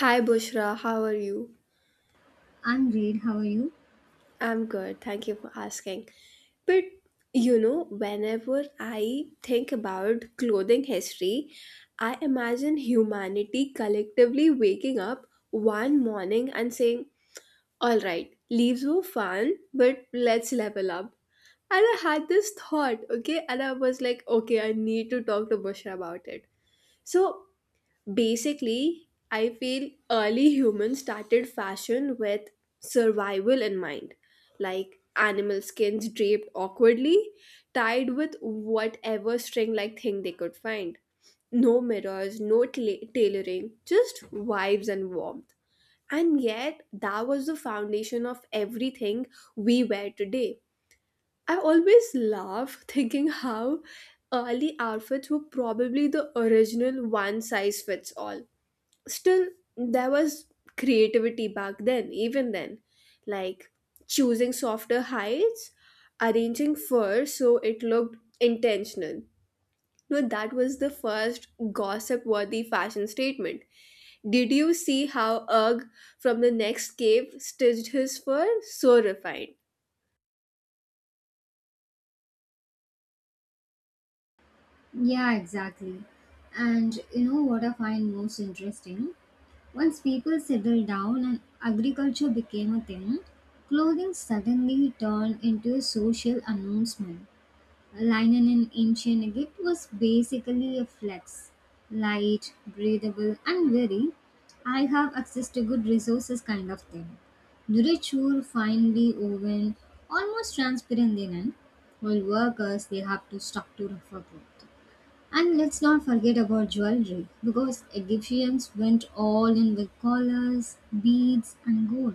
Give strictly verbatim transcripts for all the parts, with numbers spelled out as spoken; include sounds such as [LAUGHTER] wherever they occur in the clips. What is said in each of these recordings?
Hi Bushra, how are you? I'm great. How are you? I'm good, thank you for asking. But you know, whenever I think about clothing history, I imagine humanity collectively waking up one morning and saying, "All right, leaves were fun, but let's level up." And I had this thought, okay, and I was like, "Okay, I need to talk to Bushra about it." So Basically, I feel early humans started fashion with survival in mind, like animal skins draped awkwardly, tied with whatever string like thing they could find. No mirrors, no tla- tailoring, just vibes and warmth. And yet, that was the foundation of everything we wear today. I always laugh [LAUGHS] thinking how early outfits were probably the original one size fits all. Still, there was creativity back then, even then, like choosing softer heights, arranging fur so it looked intentional. No, that was the first gossip worthy fashion statement. Did you see how Urg from the next cave stitched his fur so refined? Yeah, exactly. And you know what I find most interesting? Once people settled down and agriculture became a thing, clothing suddenly turned into a social announcement. Linen in ancient Egypt was basically a flex, light, breathable, and very I have access to good resources kind of thing. Nourriture finely woven, almost transparent linen, while workers they have to structure for growth. And let's not forget about jewelry because Egyptians went all in with collars, beads, and gold.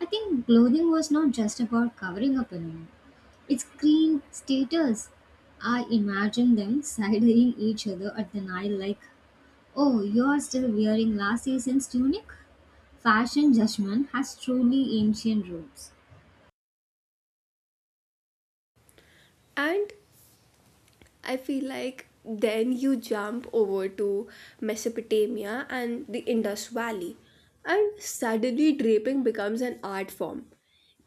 I think clothing was not just about covering up anymore. It's green status. I imagine them side eyeing each other at the Nile like, oh, you're still wearing last season's tunic? Fashion judgment has truly ancient roots. And I feel like then you jump over to Mesopotamia and the Indus Valley, and suddenly draping becomes an art form.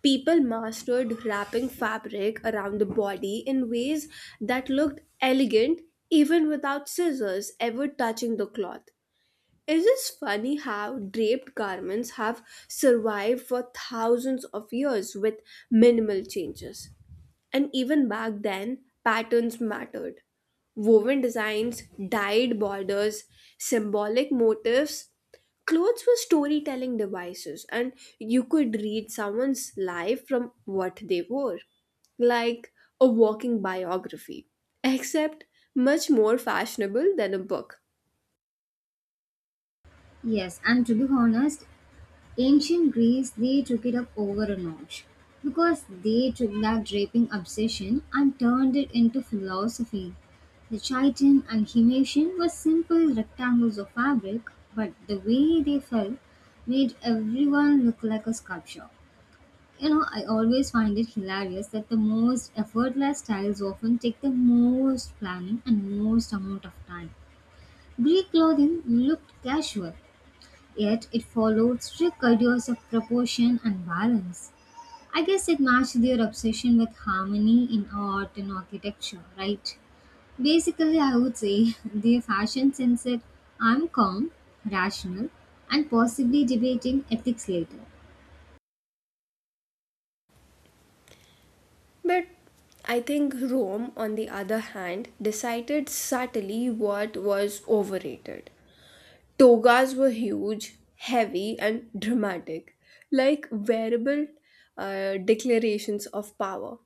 People mastered wrapping fabric around the body in ways that looked elegant even without scissors ever touching the cloth. It is funny how draped garments have survived for thousands of years with minimal changes. And even back then, patterns mattered. Woven designs, dyed borders, symbolic motifs. Clothes were storytelling devices, and you could read someone's life from what they wore, like a walking biography, except much more fashionable than a book. Yes, and to be honest, ancient Greece, they took it up over a notch because they took that draping obsession and turned it into philosophy. The chiton and himation were simple rectangles of fabric, but the way they fell made everyone look like a sculpture. You know, I always find it hilarious that the most effortless styles often take the most planning and most amount of time. Greek clothing looked casual, yet it followed strict ideas of proportion and balance. I guess it matched their obsession with harmony in art and architecture, right? Basically, I would say [LAUGHS] their fashion sense said, I'm calm, rational, and possibly debating ethics later. But I think Rome, on the other hand, decided subtly what was overrated. Togas were huge, heavy, and dramatic, like wearable uh, declarations of power.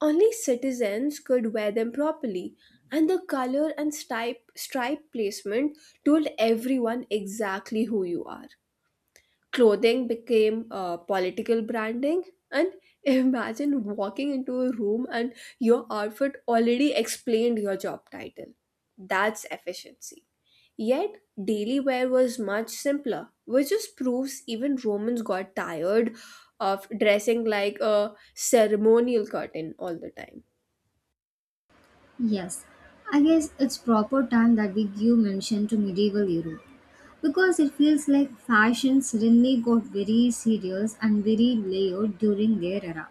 Only citizens could wear them properly, and the color and stripe, stripe placement told everyone exactly who you are. Clothing became uh, political branding. And [LAUGHS] imagine walking into a room and your outfit already explained your job title. That's efficiency. Yet, daily wear was much simpler, which just proves even Romans got tired of dressing like a ceremonial curtain all the time. Yes, I guess it's proper time that we give mention to medieval Europe because it feels like fashion suddenly got very serious and very layered during their era.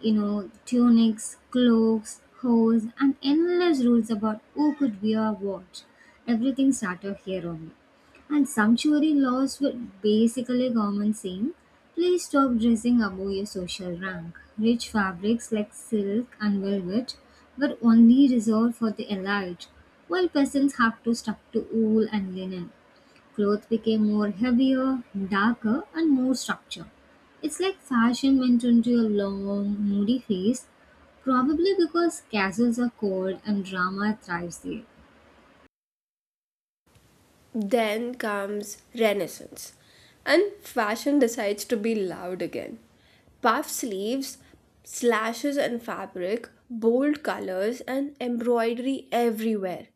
You know, tunics, cloaks, hose, and endless rules about who could wear what. Everything started here only. And sumptuary laws were basically government saying, please stop dressing above your social rank. Rich fabrics like silk and velvet were only reserved for the elite, while peasants had to stuck to wool and linen. Clothes became more heavier, darker, and more structured. It's like fashion went into a long, moody phase, probably because castles are cold and drama thrives there. Then comes Renaissance, and fashion decides to be loud again. Puff sleeves, slashes on fabric, bold colors, and embroidery everywhere.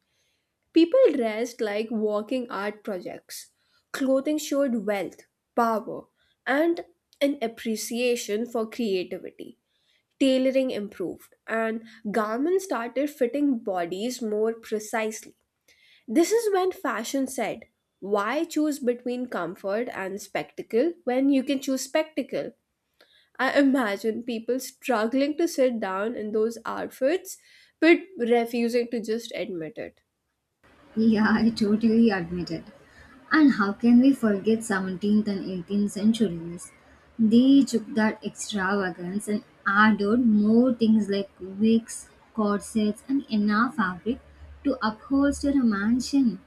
People dressed like walking art projects. Clothing showed wealth, power, and an appreciation for creativity. Tailoring improved, and garments started fitting bodies more precisely. This is when fashion said, "Why choose between comfort and spectacle when you can choose spectacle?" I imagine people struggling to sit down in those outfits but refusing to just admit it. Yeah, I totally admit it. And how can we forget seventeenth and eighteenth centuries? They took that extravagance and added more things like wigs, corsets, and enough fabric to upholster a mansion.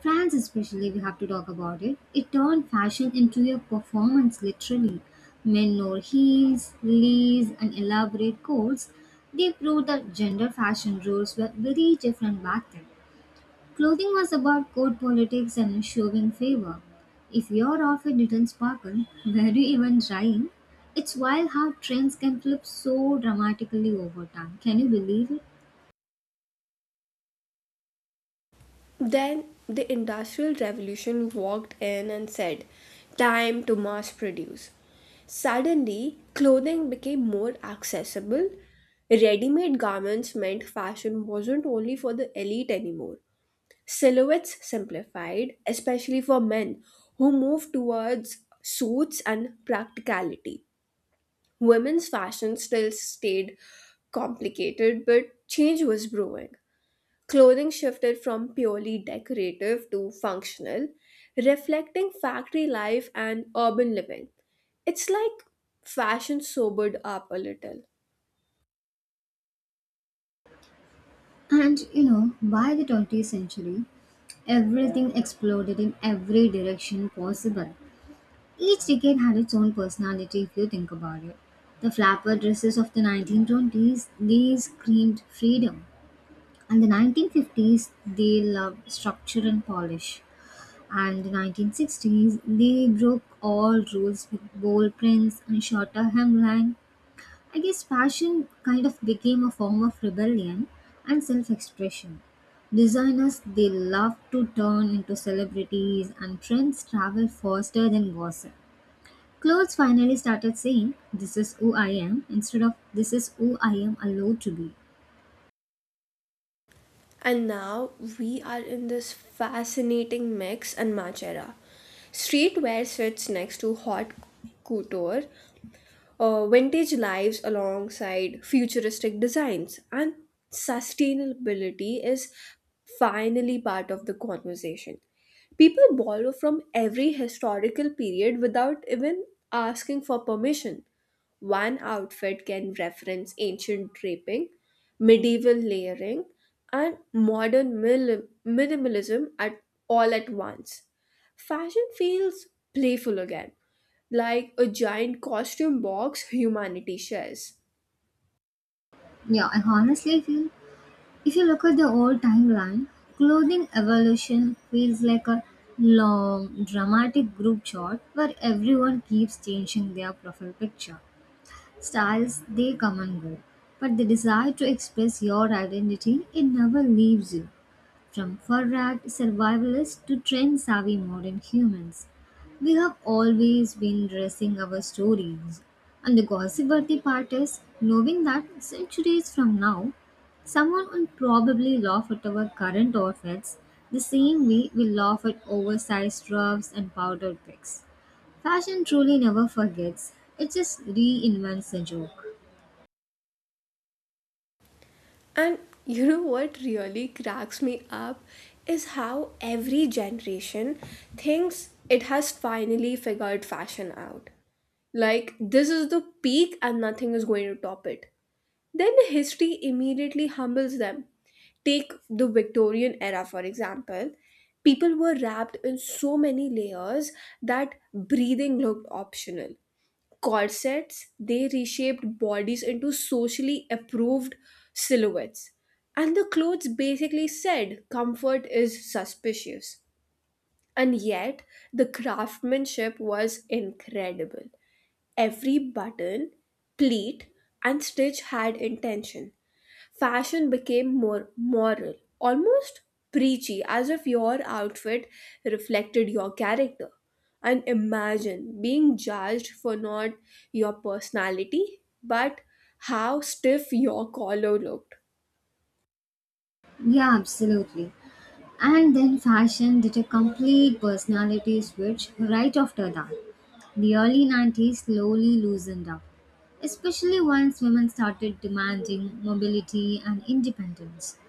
France especially, we have to talk about it. It turned fashion into a performance literally. Men wore heels, lace, and elaborate coats. They proved that gender fashion rules were very different back then. Clothing was about court politics and showing favor. If your outfit didn't sparkle, [LAUGHS] were you even trying? It's wild how trends can flip so dramatically over time. Can you believe it? Then the Industrial Revolution walked in and said, "Time to mass produce." Suddenly, clothing became more accessible. Ready made garments meant fashion wasn't only for the elite anymore. Silhouettes simplified, especially for men who move towards suits and practicality. Women's fashion still stayed complicated, but change was brewing. Clothing shifted from purely decorative to functional, reflecting factory life and urban living. It's like fashion sobered up a little. And you know, by the twentieth century, everything exploded in every direction possible. Each decade had its own personality if you think about it. The flapper dresses of the nineteen twenties, they screamed freedom. And the nineteen fifties, they loved structure and polish. And the nineteen sixties, they broke all rules with bold prints and shorter hemline. I guess fashion kind of became a form of rebellion and self expression. Designers they love to turn into celebrities and trends travel faster than gossip. Clothes finally started saying this is who I am instead of this is who I am allowed to be. And now we are in this fascinating mix and match era. Streetwear sits next to hot couture, uh, vintage lives alongside futuristic designs, and sustainability is finally part of the conversation. People borrow from every historical period without even asking for permission. One outfit can reference ancient draping, medieval layering, and modern mil- minimalism at all at once. Fashion feels playful again, like a giant costume box humanity shares. Yeah, I honestly feel if you look at the old timeline, clothing evolution feels like a long dramatic group shot where everyone keeps changing their profile picture. Styles, they come and go, but the desire to express your identity, it never leaves you. From fur rat survivalists to trend savvy modern humans, we have always been dressing our stories. And the gossip worthy part is knowing that centuries from now, someone will probably laugh at our current outfits the same way we laugh at oversized ruffs and powdered pics. Fashion truly never forgets, it just reinvents the joke. And you know what really cracks me up is how every generation thinks it has finally figured fashion out. Like, this is the peak and nothing is going to top it. Then history immediately humbles them. Take the Victorian era, for example. People were wrapped in so many layers that breathing looked optional. Corsets, they reshaped bodies into socially approved silhouettes. And the clothes basically said comfort is suspicious. And yet, the craftsmanship was incredible. Every button, pleat, and stitch had intention. Fashion became more moral, almost preachy, as if your outfit reflected your character. And imagine being judged for not your personality, but how stiff your collar looked. Yeah, absolutely. And then fashion did a complete personality switch right after that. The early nineties slowly loosened up, especially once women started demanding mobility and independence.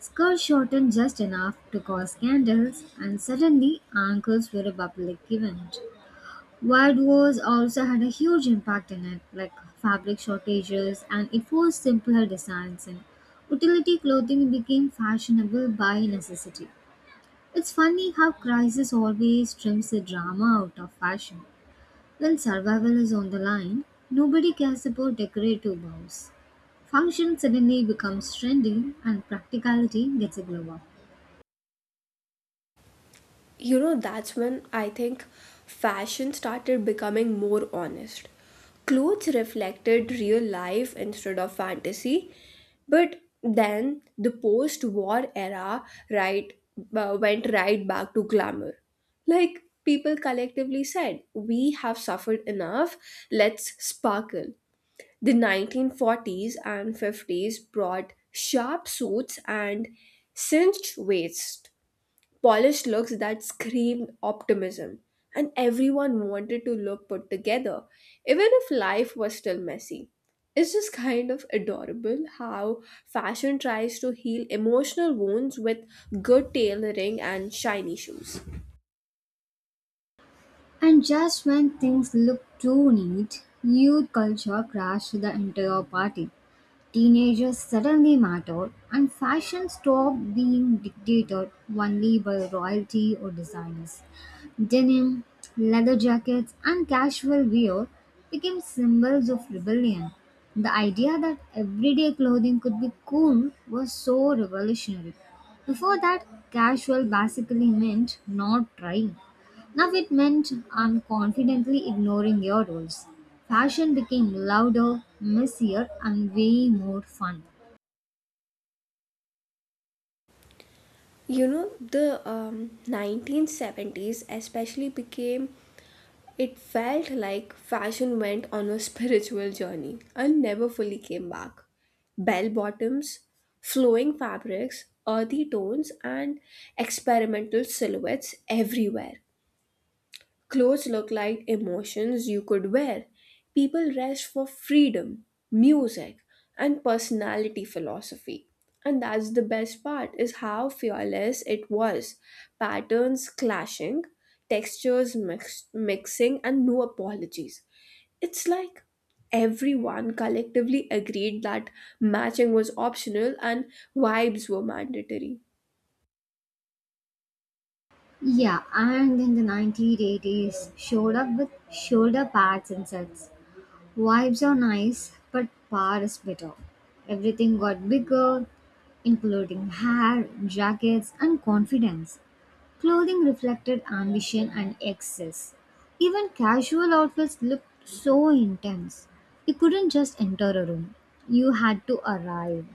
Skirts shortened just enough to cause scandals, and suddenly ankles were a public event. World Wars also had a huge impact in it, like fabric shortages, and it forced simpler designs, and utility clothing became fashionable by necessity. It's funny how crisis always trims the drama out of fashion. When survival is on the line, nobody cares about decorative bows. Function suddenly becomes trendy, and practicality gets a glow up. You know, that's when I think fashion started becoming more honest. Clothes reflected real life instead of fantasy. But then the post war era, right, uh, went right back to glamour. Like people collectively said, "We have suffered enough, let's sparkle." The nineteen forties and fifties brought sharp suits and cinched waists, polished looks that screamed optimism, and everyone wanted to look put together, even if life was still messy. It's just kind of adorable how fashion tries to heal emotional wounds with good tailoring and shiny shoes. And just when things look too neat, youth culture crashed the entire party. Teenagers suddenly mattered, and fashion stopped being dictated only by royalty or designers. Denim, leather jackets, and casual wear became symbols of rebellion. The idea that everyday clothing could be cool was so revolutionary. Before that, casual basically meant not trying. Now it meant I'm confidently ignoring your rules. Fashion became louder, messier, and way more fun. You know, the um, nineteen seventies especially became — it felt like fashion went on a [LAUGHS] spiritual journey and never fully came back. Bell bottoms, flowing fabrics, earthy tones, and experimental silhouettes everywhere. Clothes look like emotions you could wear. People rest for freedom, music, and personality philosophy. And that's the best part, is how fearless it was. Patterns clashing, textures mix- mixing, and no apologies. It's like everyone collectively agreed that matching was optional and vibes were mandatory. Yeah, and in the nineteen eighties, showed up with shoulder pads and such. Vibes are nice, but power is better. Everything got bigger, including hair, jackets, and confidence. Clothing reflected ambition and excess. Even casual outfits looked so intense. You couldn't just enter a room, you had to arrive.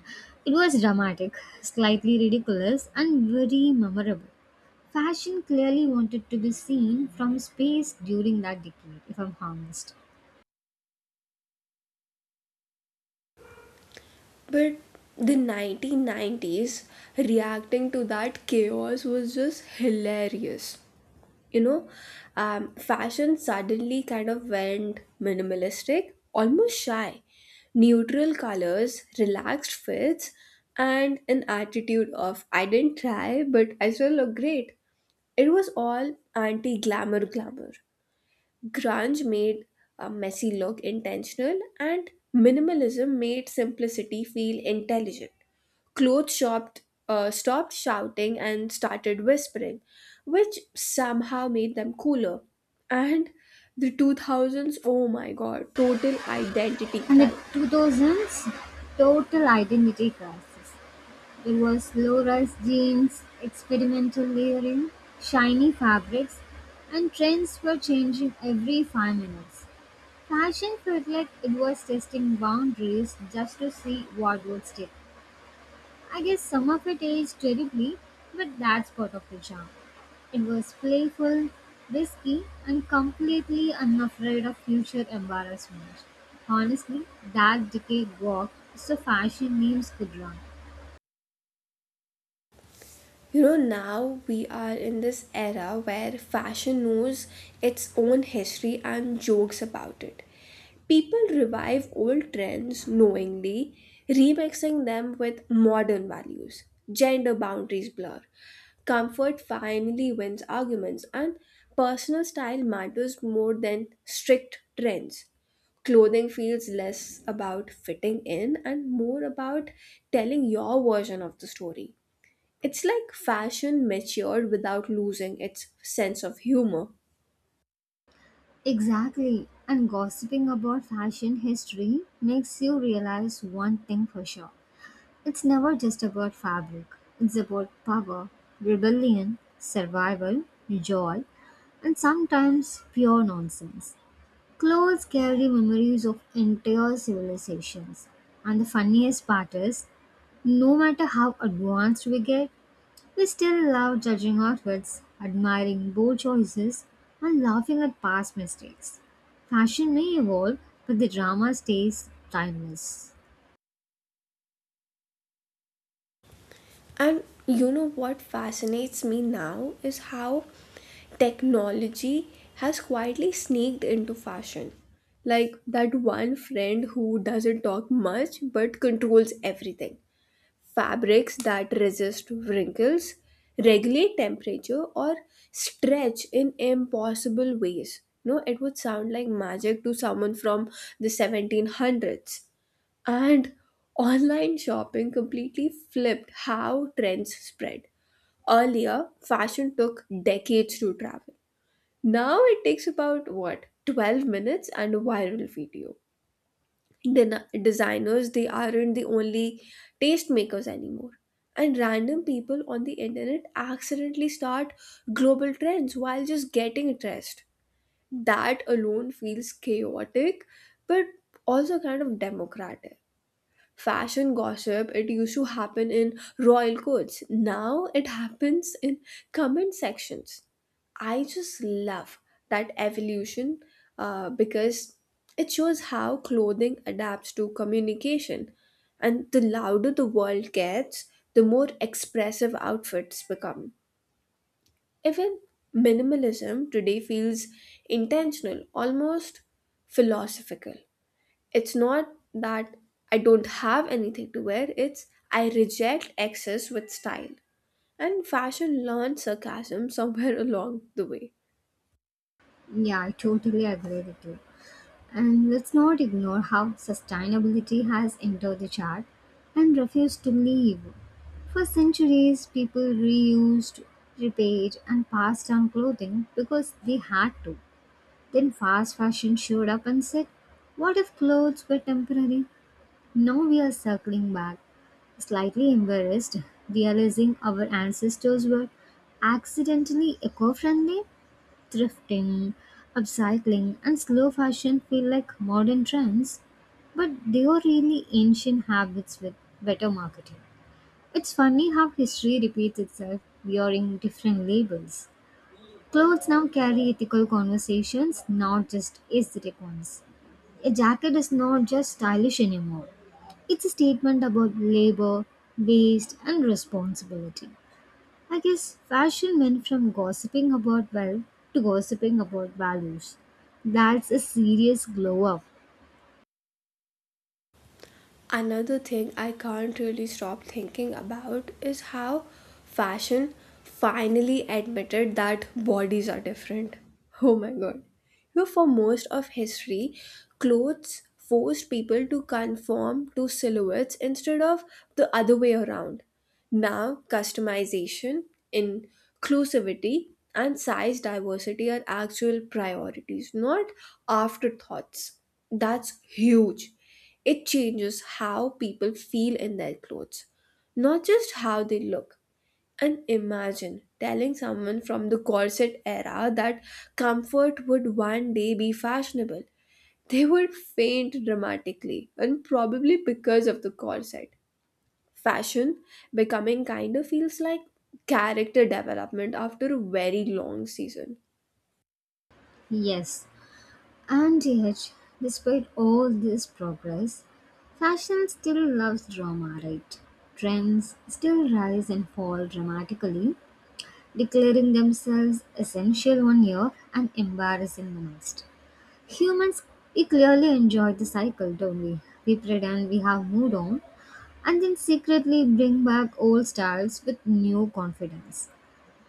It was dramatic, slightly ridiculous, and very memorable. Fashion clearly wanted to be seen from space during that decade, if I'm honest. But the nineteen nineties reacting to that chaos was just hilarious. You know, um, fashion suddenly kind of went minimalistic, almost shy. Neutral colors, relaxed fits, and an attitude of "I didn't try, but I still look great." It was all anti glamour glamour. Grunge made a messy look intentional, and minimalism made simplicity feel intelligent. Clothes shopped, uh, stopped shouting and started whispering, which somehow made them cooler. And the two thousands, oh my god, total identity In the crisis. two-thousands, total identity crisis: there was low-rise jeans, experimental layering, shiny fabrics, and trends were changing every five minutes. Fashion felt like it was testing boundaries just to see what would stick. I guess some of it aged terribly, but that's part of the charm. It was playful, risky, and completely unafraid of future embarrassment. Honestly, that decade walked so fashion memes could run. You know, now we are in this era where fashion knows its own history and jokes about it. People revive old trends knowingly, remixing them with modern values. Gender boundaries blur. Comfort finally wins arguments, and personal style matters more than strict trends. Clothing feels less about fitting in and more about telling your version of the story. It's like fashion matured without losing its sense of humor. Exactly, and gossiping about fashion history makes you realize one thing for sure. It's never just about fabric, it's about power, rebellion, survival, joy, and sometimes pure nonsense. Clothes carry memories of entire civilizations. And the funniest part is, no matter how advanced we get, we still love judging outfits, admiring bold choices, and laughing at past mistakes. Fashion may evolve, but the drama stays timeless. And you know what fascinates me now is how technology has quietly sneaked into fashion. Like that one friend who doesn't talk much but controls everything. Fabrics that resist wrinkles, regulate temperature, or stretch in impossible ways. No, it would sound like magic to someone from the seventeen hundreds. And online shopping completely flipped how trends spread. Earlier, fashion took decades to travel. Now it takes about what, twelve minutes and a viral video? Den- designers, they aren't the only tastemakers anymore. And random people on the internet accidentally start global trends while just getting dressed. That alone feels chaotic, but also kind of democratic. Fashion gossip, it used to happen in royal courts. Now it happens in comment sections. I just love that evolution, uh, because it shows how clothing adapts to communication. And the louder the world gets, the more expressive outfits become. Even minimalism today feels intentional, almost philosophical. It's not that I don't have anything to wear, it's I reject excess with style. And fashion learned sarcasm somewhere [LAUGHS] along the way. Yeah, I totally agree with you. And let's not ignore how sustainability has entered the chart and refused to leave. For centuries, people reused, repaid, and passed on clothing because they had to. Then fast fashion showed up and said, what if clothes were temporary? Now we are circling back, slightly embarrassed, realizing our ancestors were accidentally eco friendly thrifting, upcycling, and slow fashion feel like modern trends, but they are really ancient habits with better marketing. It's funny how history repeats itself wearing different labels. Clothes now carry ethical conversations, not just aesthetic ones. A jacket is not just stylish anymore. It's a statement about labor, waste, and responsibility. I guess fashion went from gossiping about wealth to gossiping about values. That's a serious glow up, Another thing I can't really stop thinking about is how fashion finally admitted that bodies are different. Oh my god. You know, for most of history, clothes forced people to conform to silhouettes instead of the other way around. Now, customization, inclusivity, and size diversity are actual priorities, not afterthoughts. That's huge. It changes how people feel in their clothes, not just how they look. And imagine telling someone from the corset era that comfort would one day be fashionable. They would faint dramatically, and probably because of the corset. Fashion becoming kind of feels like character development after a very long season. yes. And yet, despite all this progress, fashion still loves drama, right? Trends still rise and fall dramatically, declaring themselves essential one year and embarrassing the next. Humans, we clearly enjoy the cycle, don't we? We pretend we have moved on, and then secretly bring back old styles with new confidence.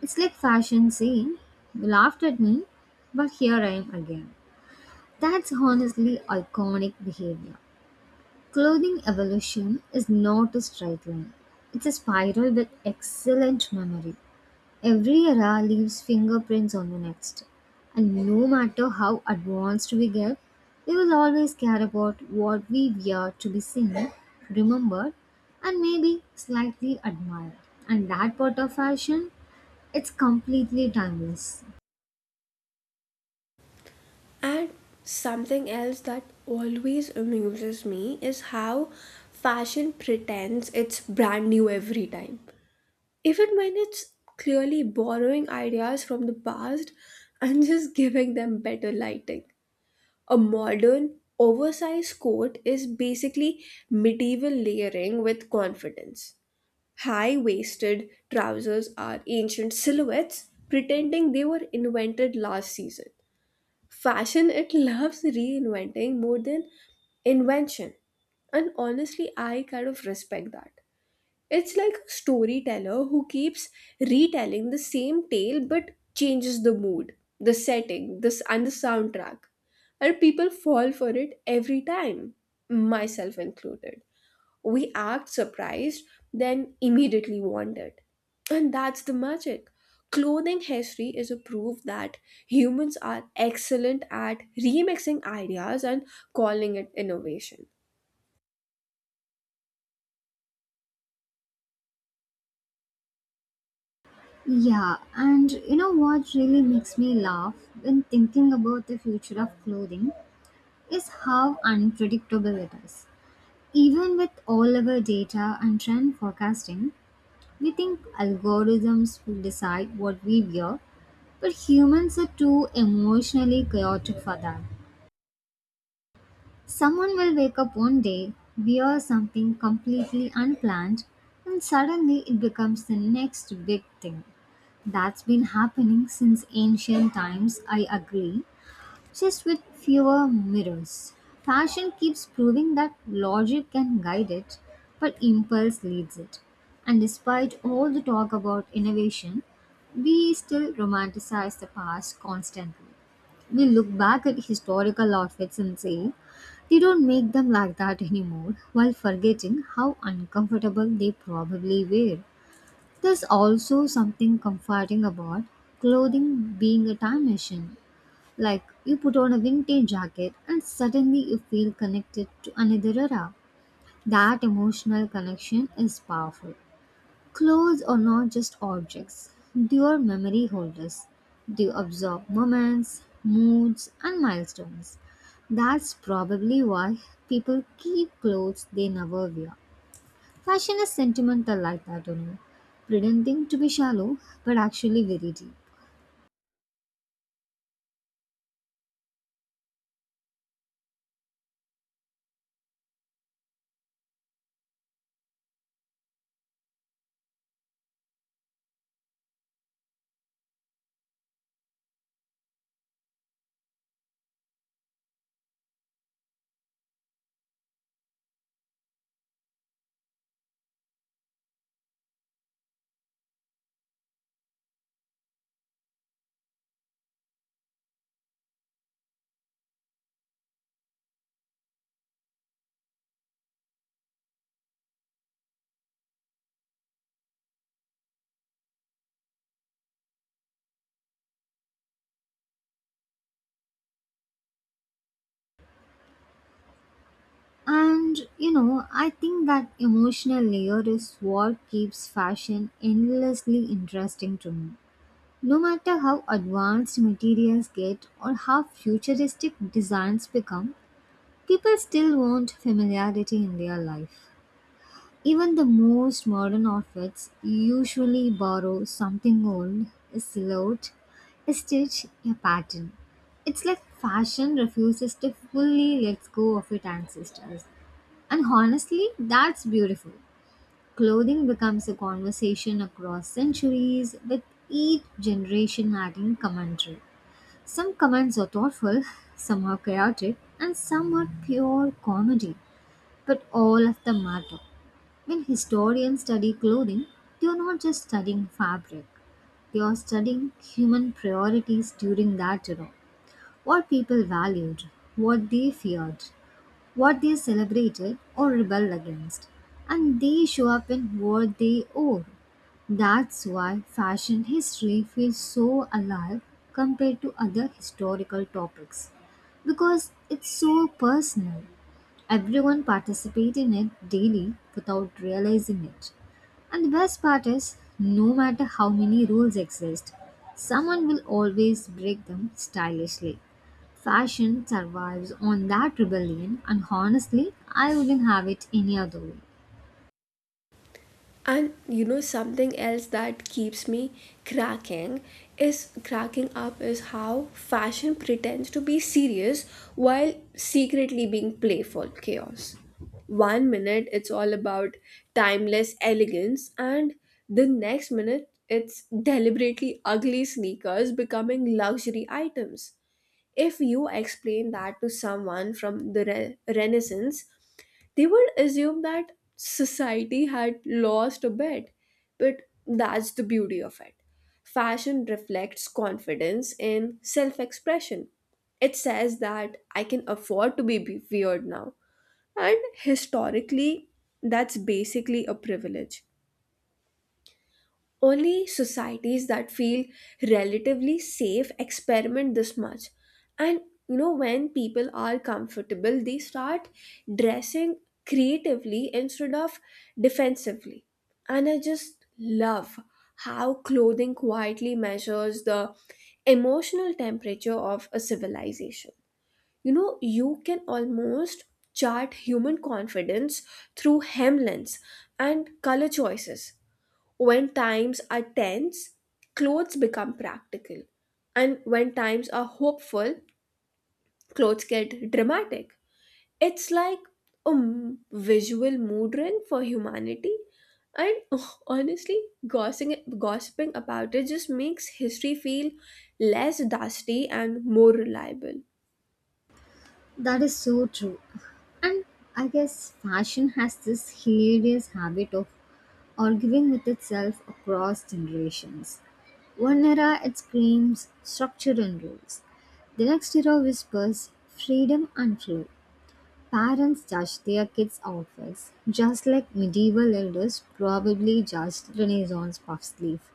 It's like fashion saying, you laughed at me, but here I am again. That's honestly iconic behavior. Clothing evolution is not a straight line, it's a spiral with excellent memory. Every era leaves fingerprints on the next. And no matter how advanced we get, we will always care about what we wear to be seen, remembered, and maybe slightly admired. And that part of fashion, it's completely timeless. And something else that always amuses me is how fashion pretends it's brand new every time. Even when it's clearly borrowing ideas from the past [LAUGHS] and just giving them better lighting. A modern, oversized coat is basically medieval layering with confidence. High waisted trousers are ancient silhouettes pretending they were invented last season. Fashion, it [LAUGHS] loves reinventing more than invention. And honestly, I kind of respect that. It's like a storyteller who keeps retelling the same tale but changes the mood, the setting, this and the soundtrack. And people fall for it every time, myself included. We act surprised, then immediately want it. And that's the magic. Clothing history is a proof that humans are excellent at remixing ideas and calling it innovation. Yeah, and you know what really makes me laugh when thinking about the future of clothing is how unpredictable it is. Even with all our data and trend forecasting, we think algorithms will decide what we wear, but humans are too emotionally chaotic for that. Someone will wake up one day, wear something completely unplanned, and suddenly it becomes the next big thing. That's been happening since ancient times, I agree. Just with fewer mirrors. Fashion keeps proving that logic can guide it, but impulse leads it. And despite all the talk about innovation, we still romanticize the past constantly. We look back at historical outfits and say, they don't make them like that anymore, while forgetting how uncomfortable they probably were. There's also something comforting about clothing being a time machine, like you put on a vintage jacket and suddenly you feel connected to another era. That emotional connection is powerful. Clothes are not just objects, they are memory holders. They absorb moments, moods, and milestones. That's probably why people keep clothes they never wear. Fashion is sentimental like that, you know, pretending to be shallow but actually very deep. And you know, I think that emotional layer is what keeps fashion endlessly interesting to me. No matter how advanced materials get or how futuristic designs become, people still want familiarity in their life. Even the most modern outfits usually borrow something old, a silhouette, a stitch, a pattern. It's like fashion refuses to fully let go of its ancestors. And honestly, that's beautiful. Clothing becomes a conversation across centuries, with each generation adding commentary. Some comments are thoughtful, [LAUGHS] some are chaotic, and some are pure comedy. But all of them matter. When historians study clothing, they are not just studying fabric, they are studying human priorities during that era. What people valued, what they feared, what they celebrated or rebelled against, and they show up in what they owe. That's why fashion history feels so alive compared to other historical topics because it's so personal. Everyone participates in it daily without realizing it. And the best part is, no matter how many rules exist, someone will always break them stylishly. Fashion survives on that rebellion, and honestly, I wouldn't have it any other way. And you know something else that keeps me cracking is cracking up is how fashion pretends to be serious while secretly being playful chaos. One minute it's all about timeless elegance and the next minute it's deliberately ugly sneakers becoming luxury items. If you explain that to someone from the re- Renaissance, they would assume that society had lost a bit. But that's the beauty of it. Fashion reflects confidence in self-expression. It says that I can afford to be be- weird now, and historically, that's basically a privilege. Only societies that feel relatively safe experiment this much. And you know, when people are comfortable, they start dressing creatively instead of defensively. And I just love how clothing quietly measures the emotional temperature of a civilization. You know, you can almost chart human confidence through hemlines and color choices. When times are tense, clothes become practical. And when times are hopeful, clothes get dramatic. It's like a m- visual mood ring for humanity. And [LAUGHS] honestly, gossiping, gossiping about it just makes history feel less dusty and more reliable. That is so true. And I guess fashion has this hilarious habit of arguing with itself across generations. One era it screams structure and rules. The next era whispers freedom and flow. Parents judge their kids' outfits just like medieval elders probably judged Renaissance puff sleeve.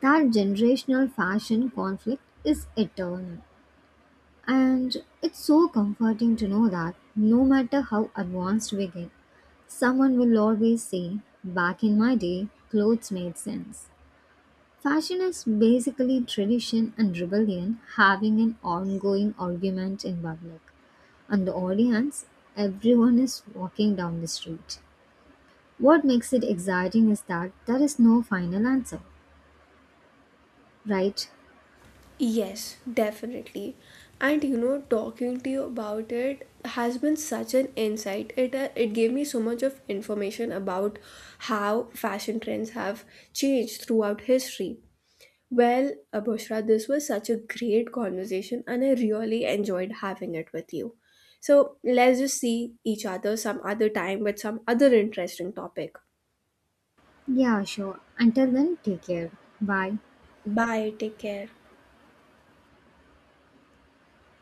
That generational fashion conflict is eternal. And it's so comforting to know that no matter how advanced we get, someone will always say, back in my day, clothes made sense. Fashion is basically tradition and rebellion having an ongoing argument in public. And the audience, everyone is walking down the street. What makes it exciting is that there is no final answer, right? Yes, definitely. And you know, talking to you about it has been such an insight. It uh, it gave me so much of information about how fashion trends have changed throughout history. Well, uh, Bushra, this was such a great conversation, and I really enjoyed having it with you. So let's just see each other some other time with some other interesting topic. Yeah, sure. Until then, take care. Bye. Bye. Take care.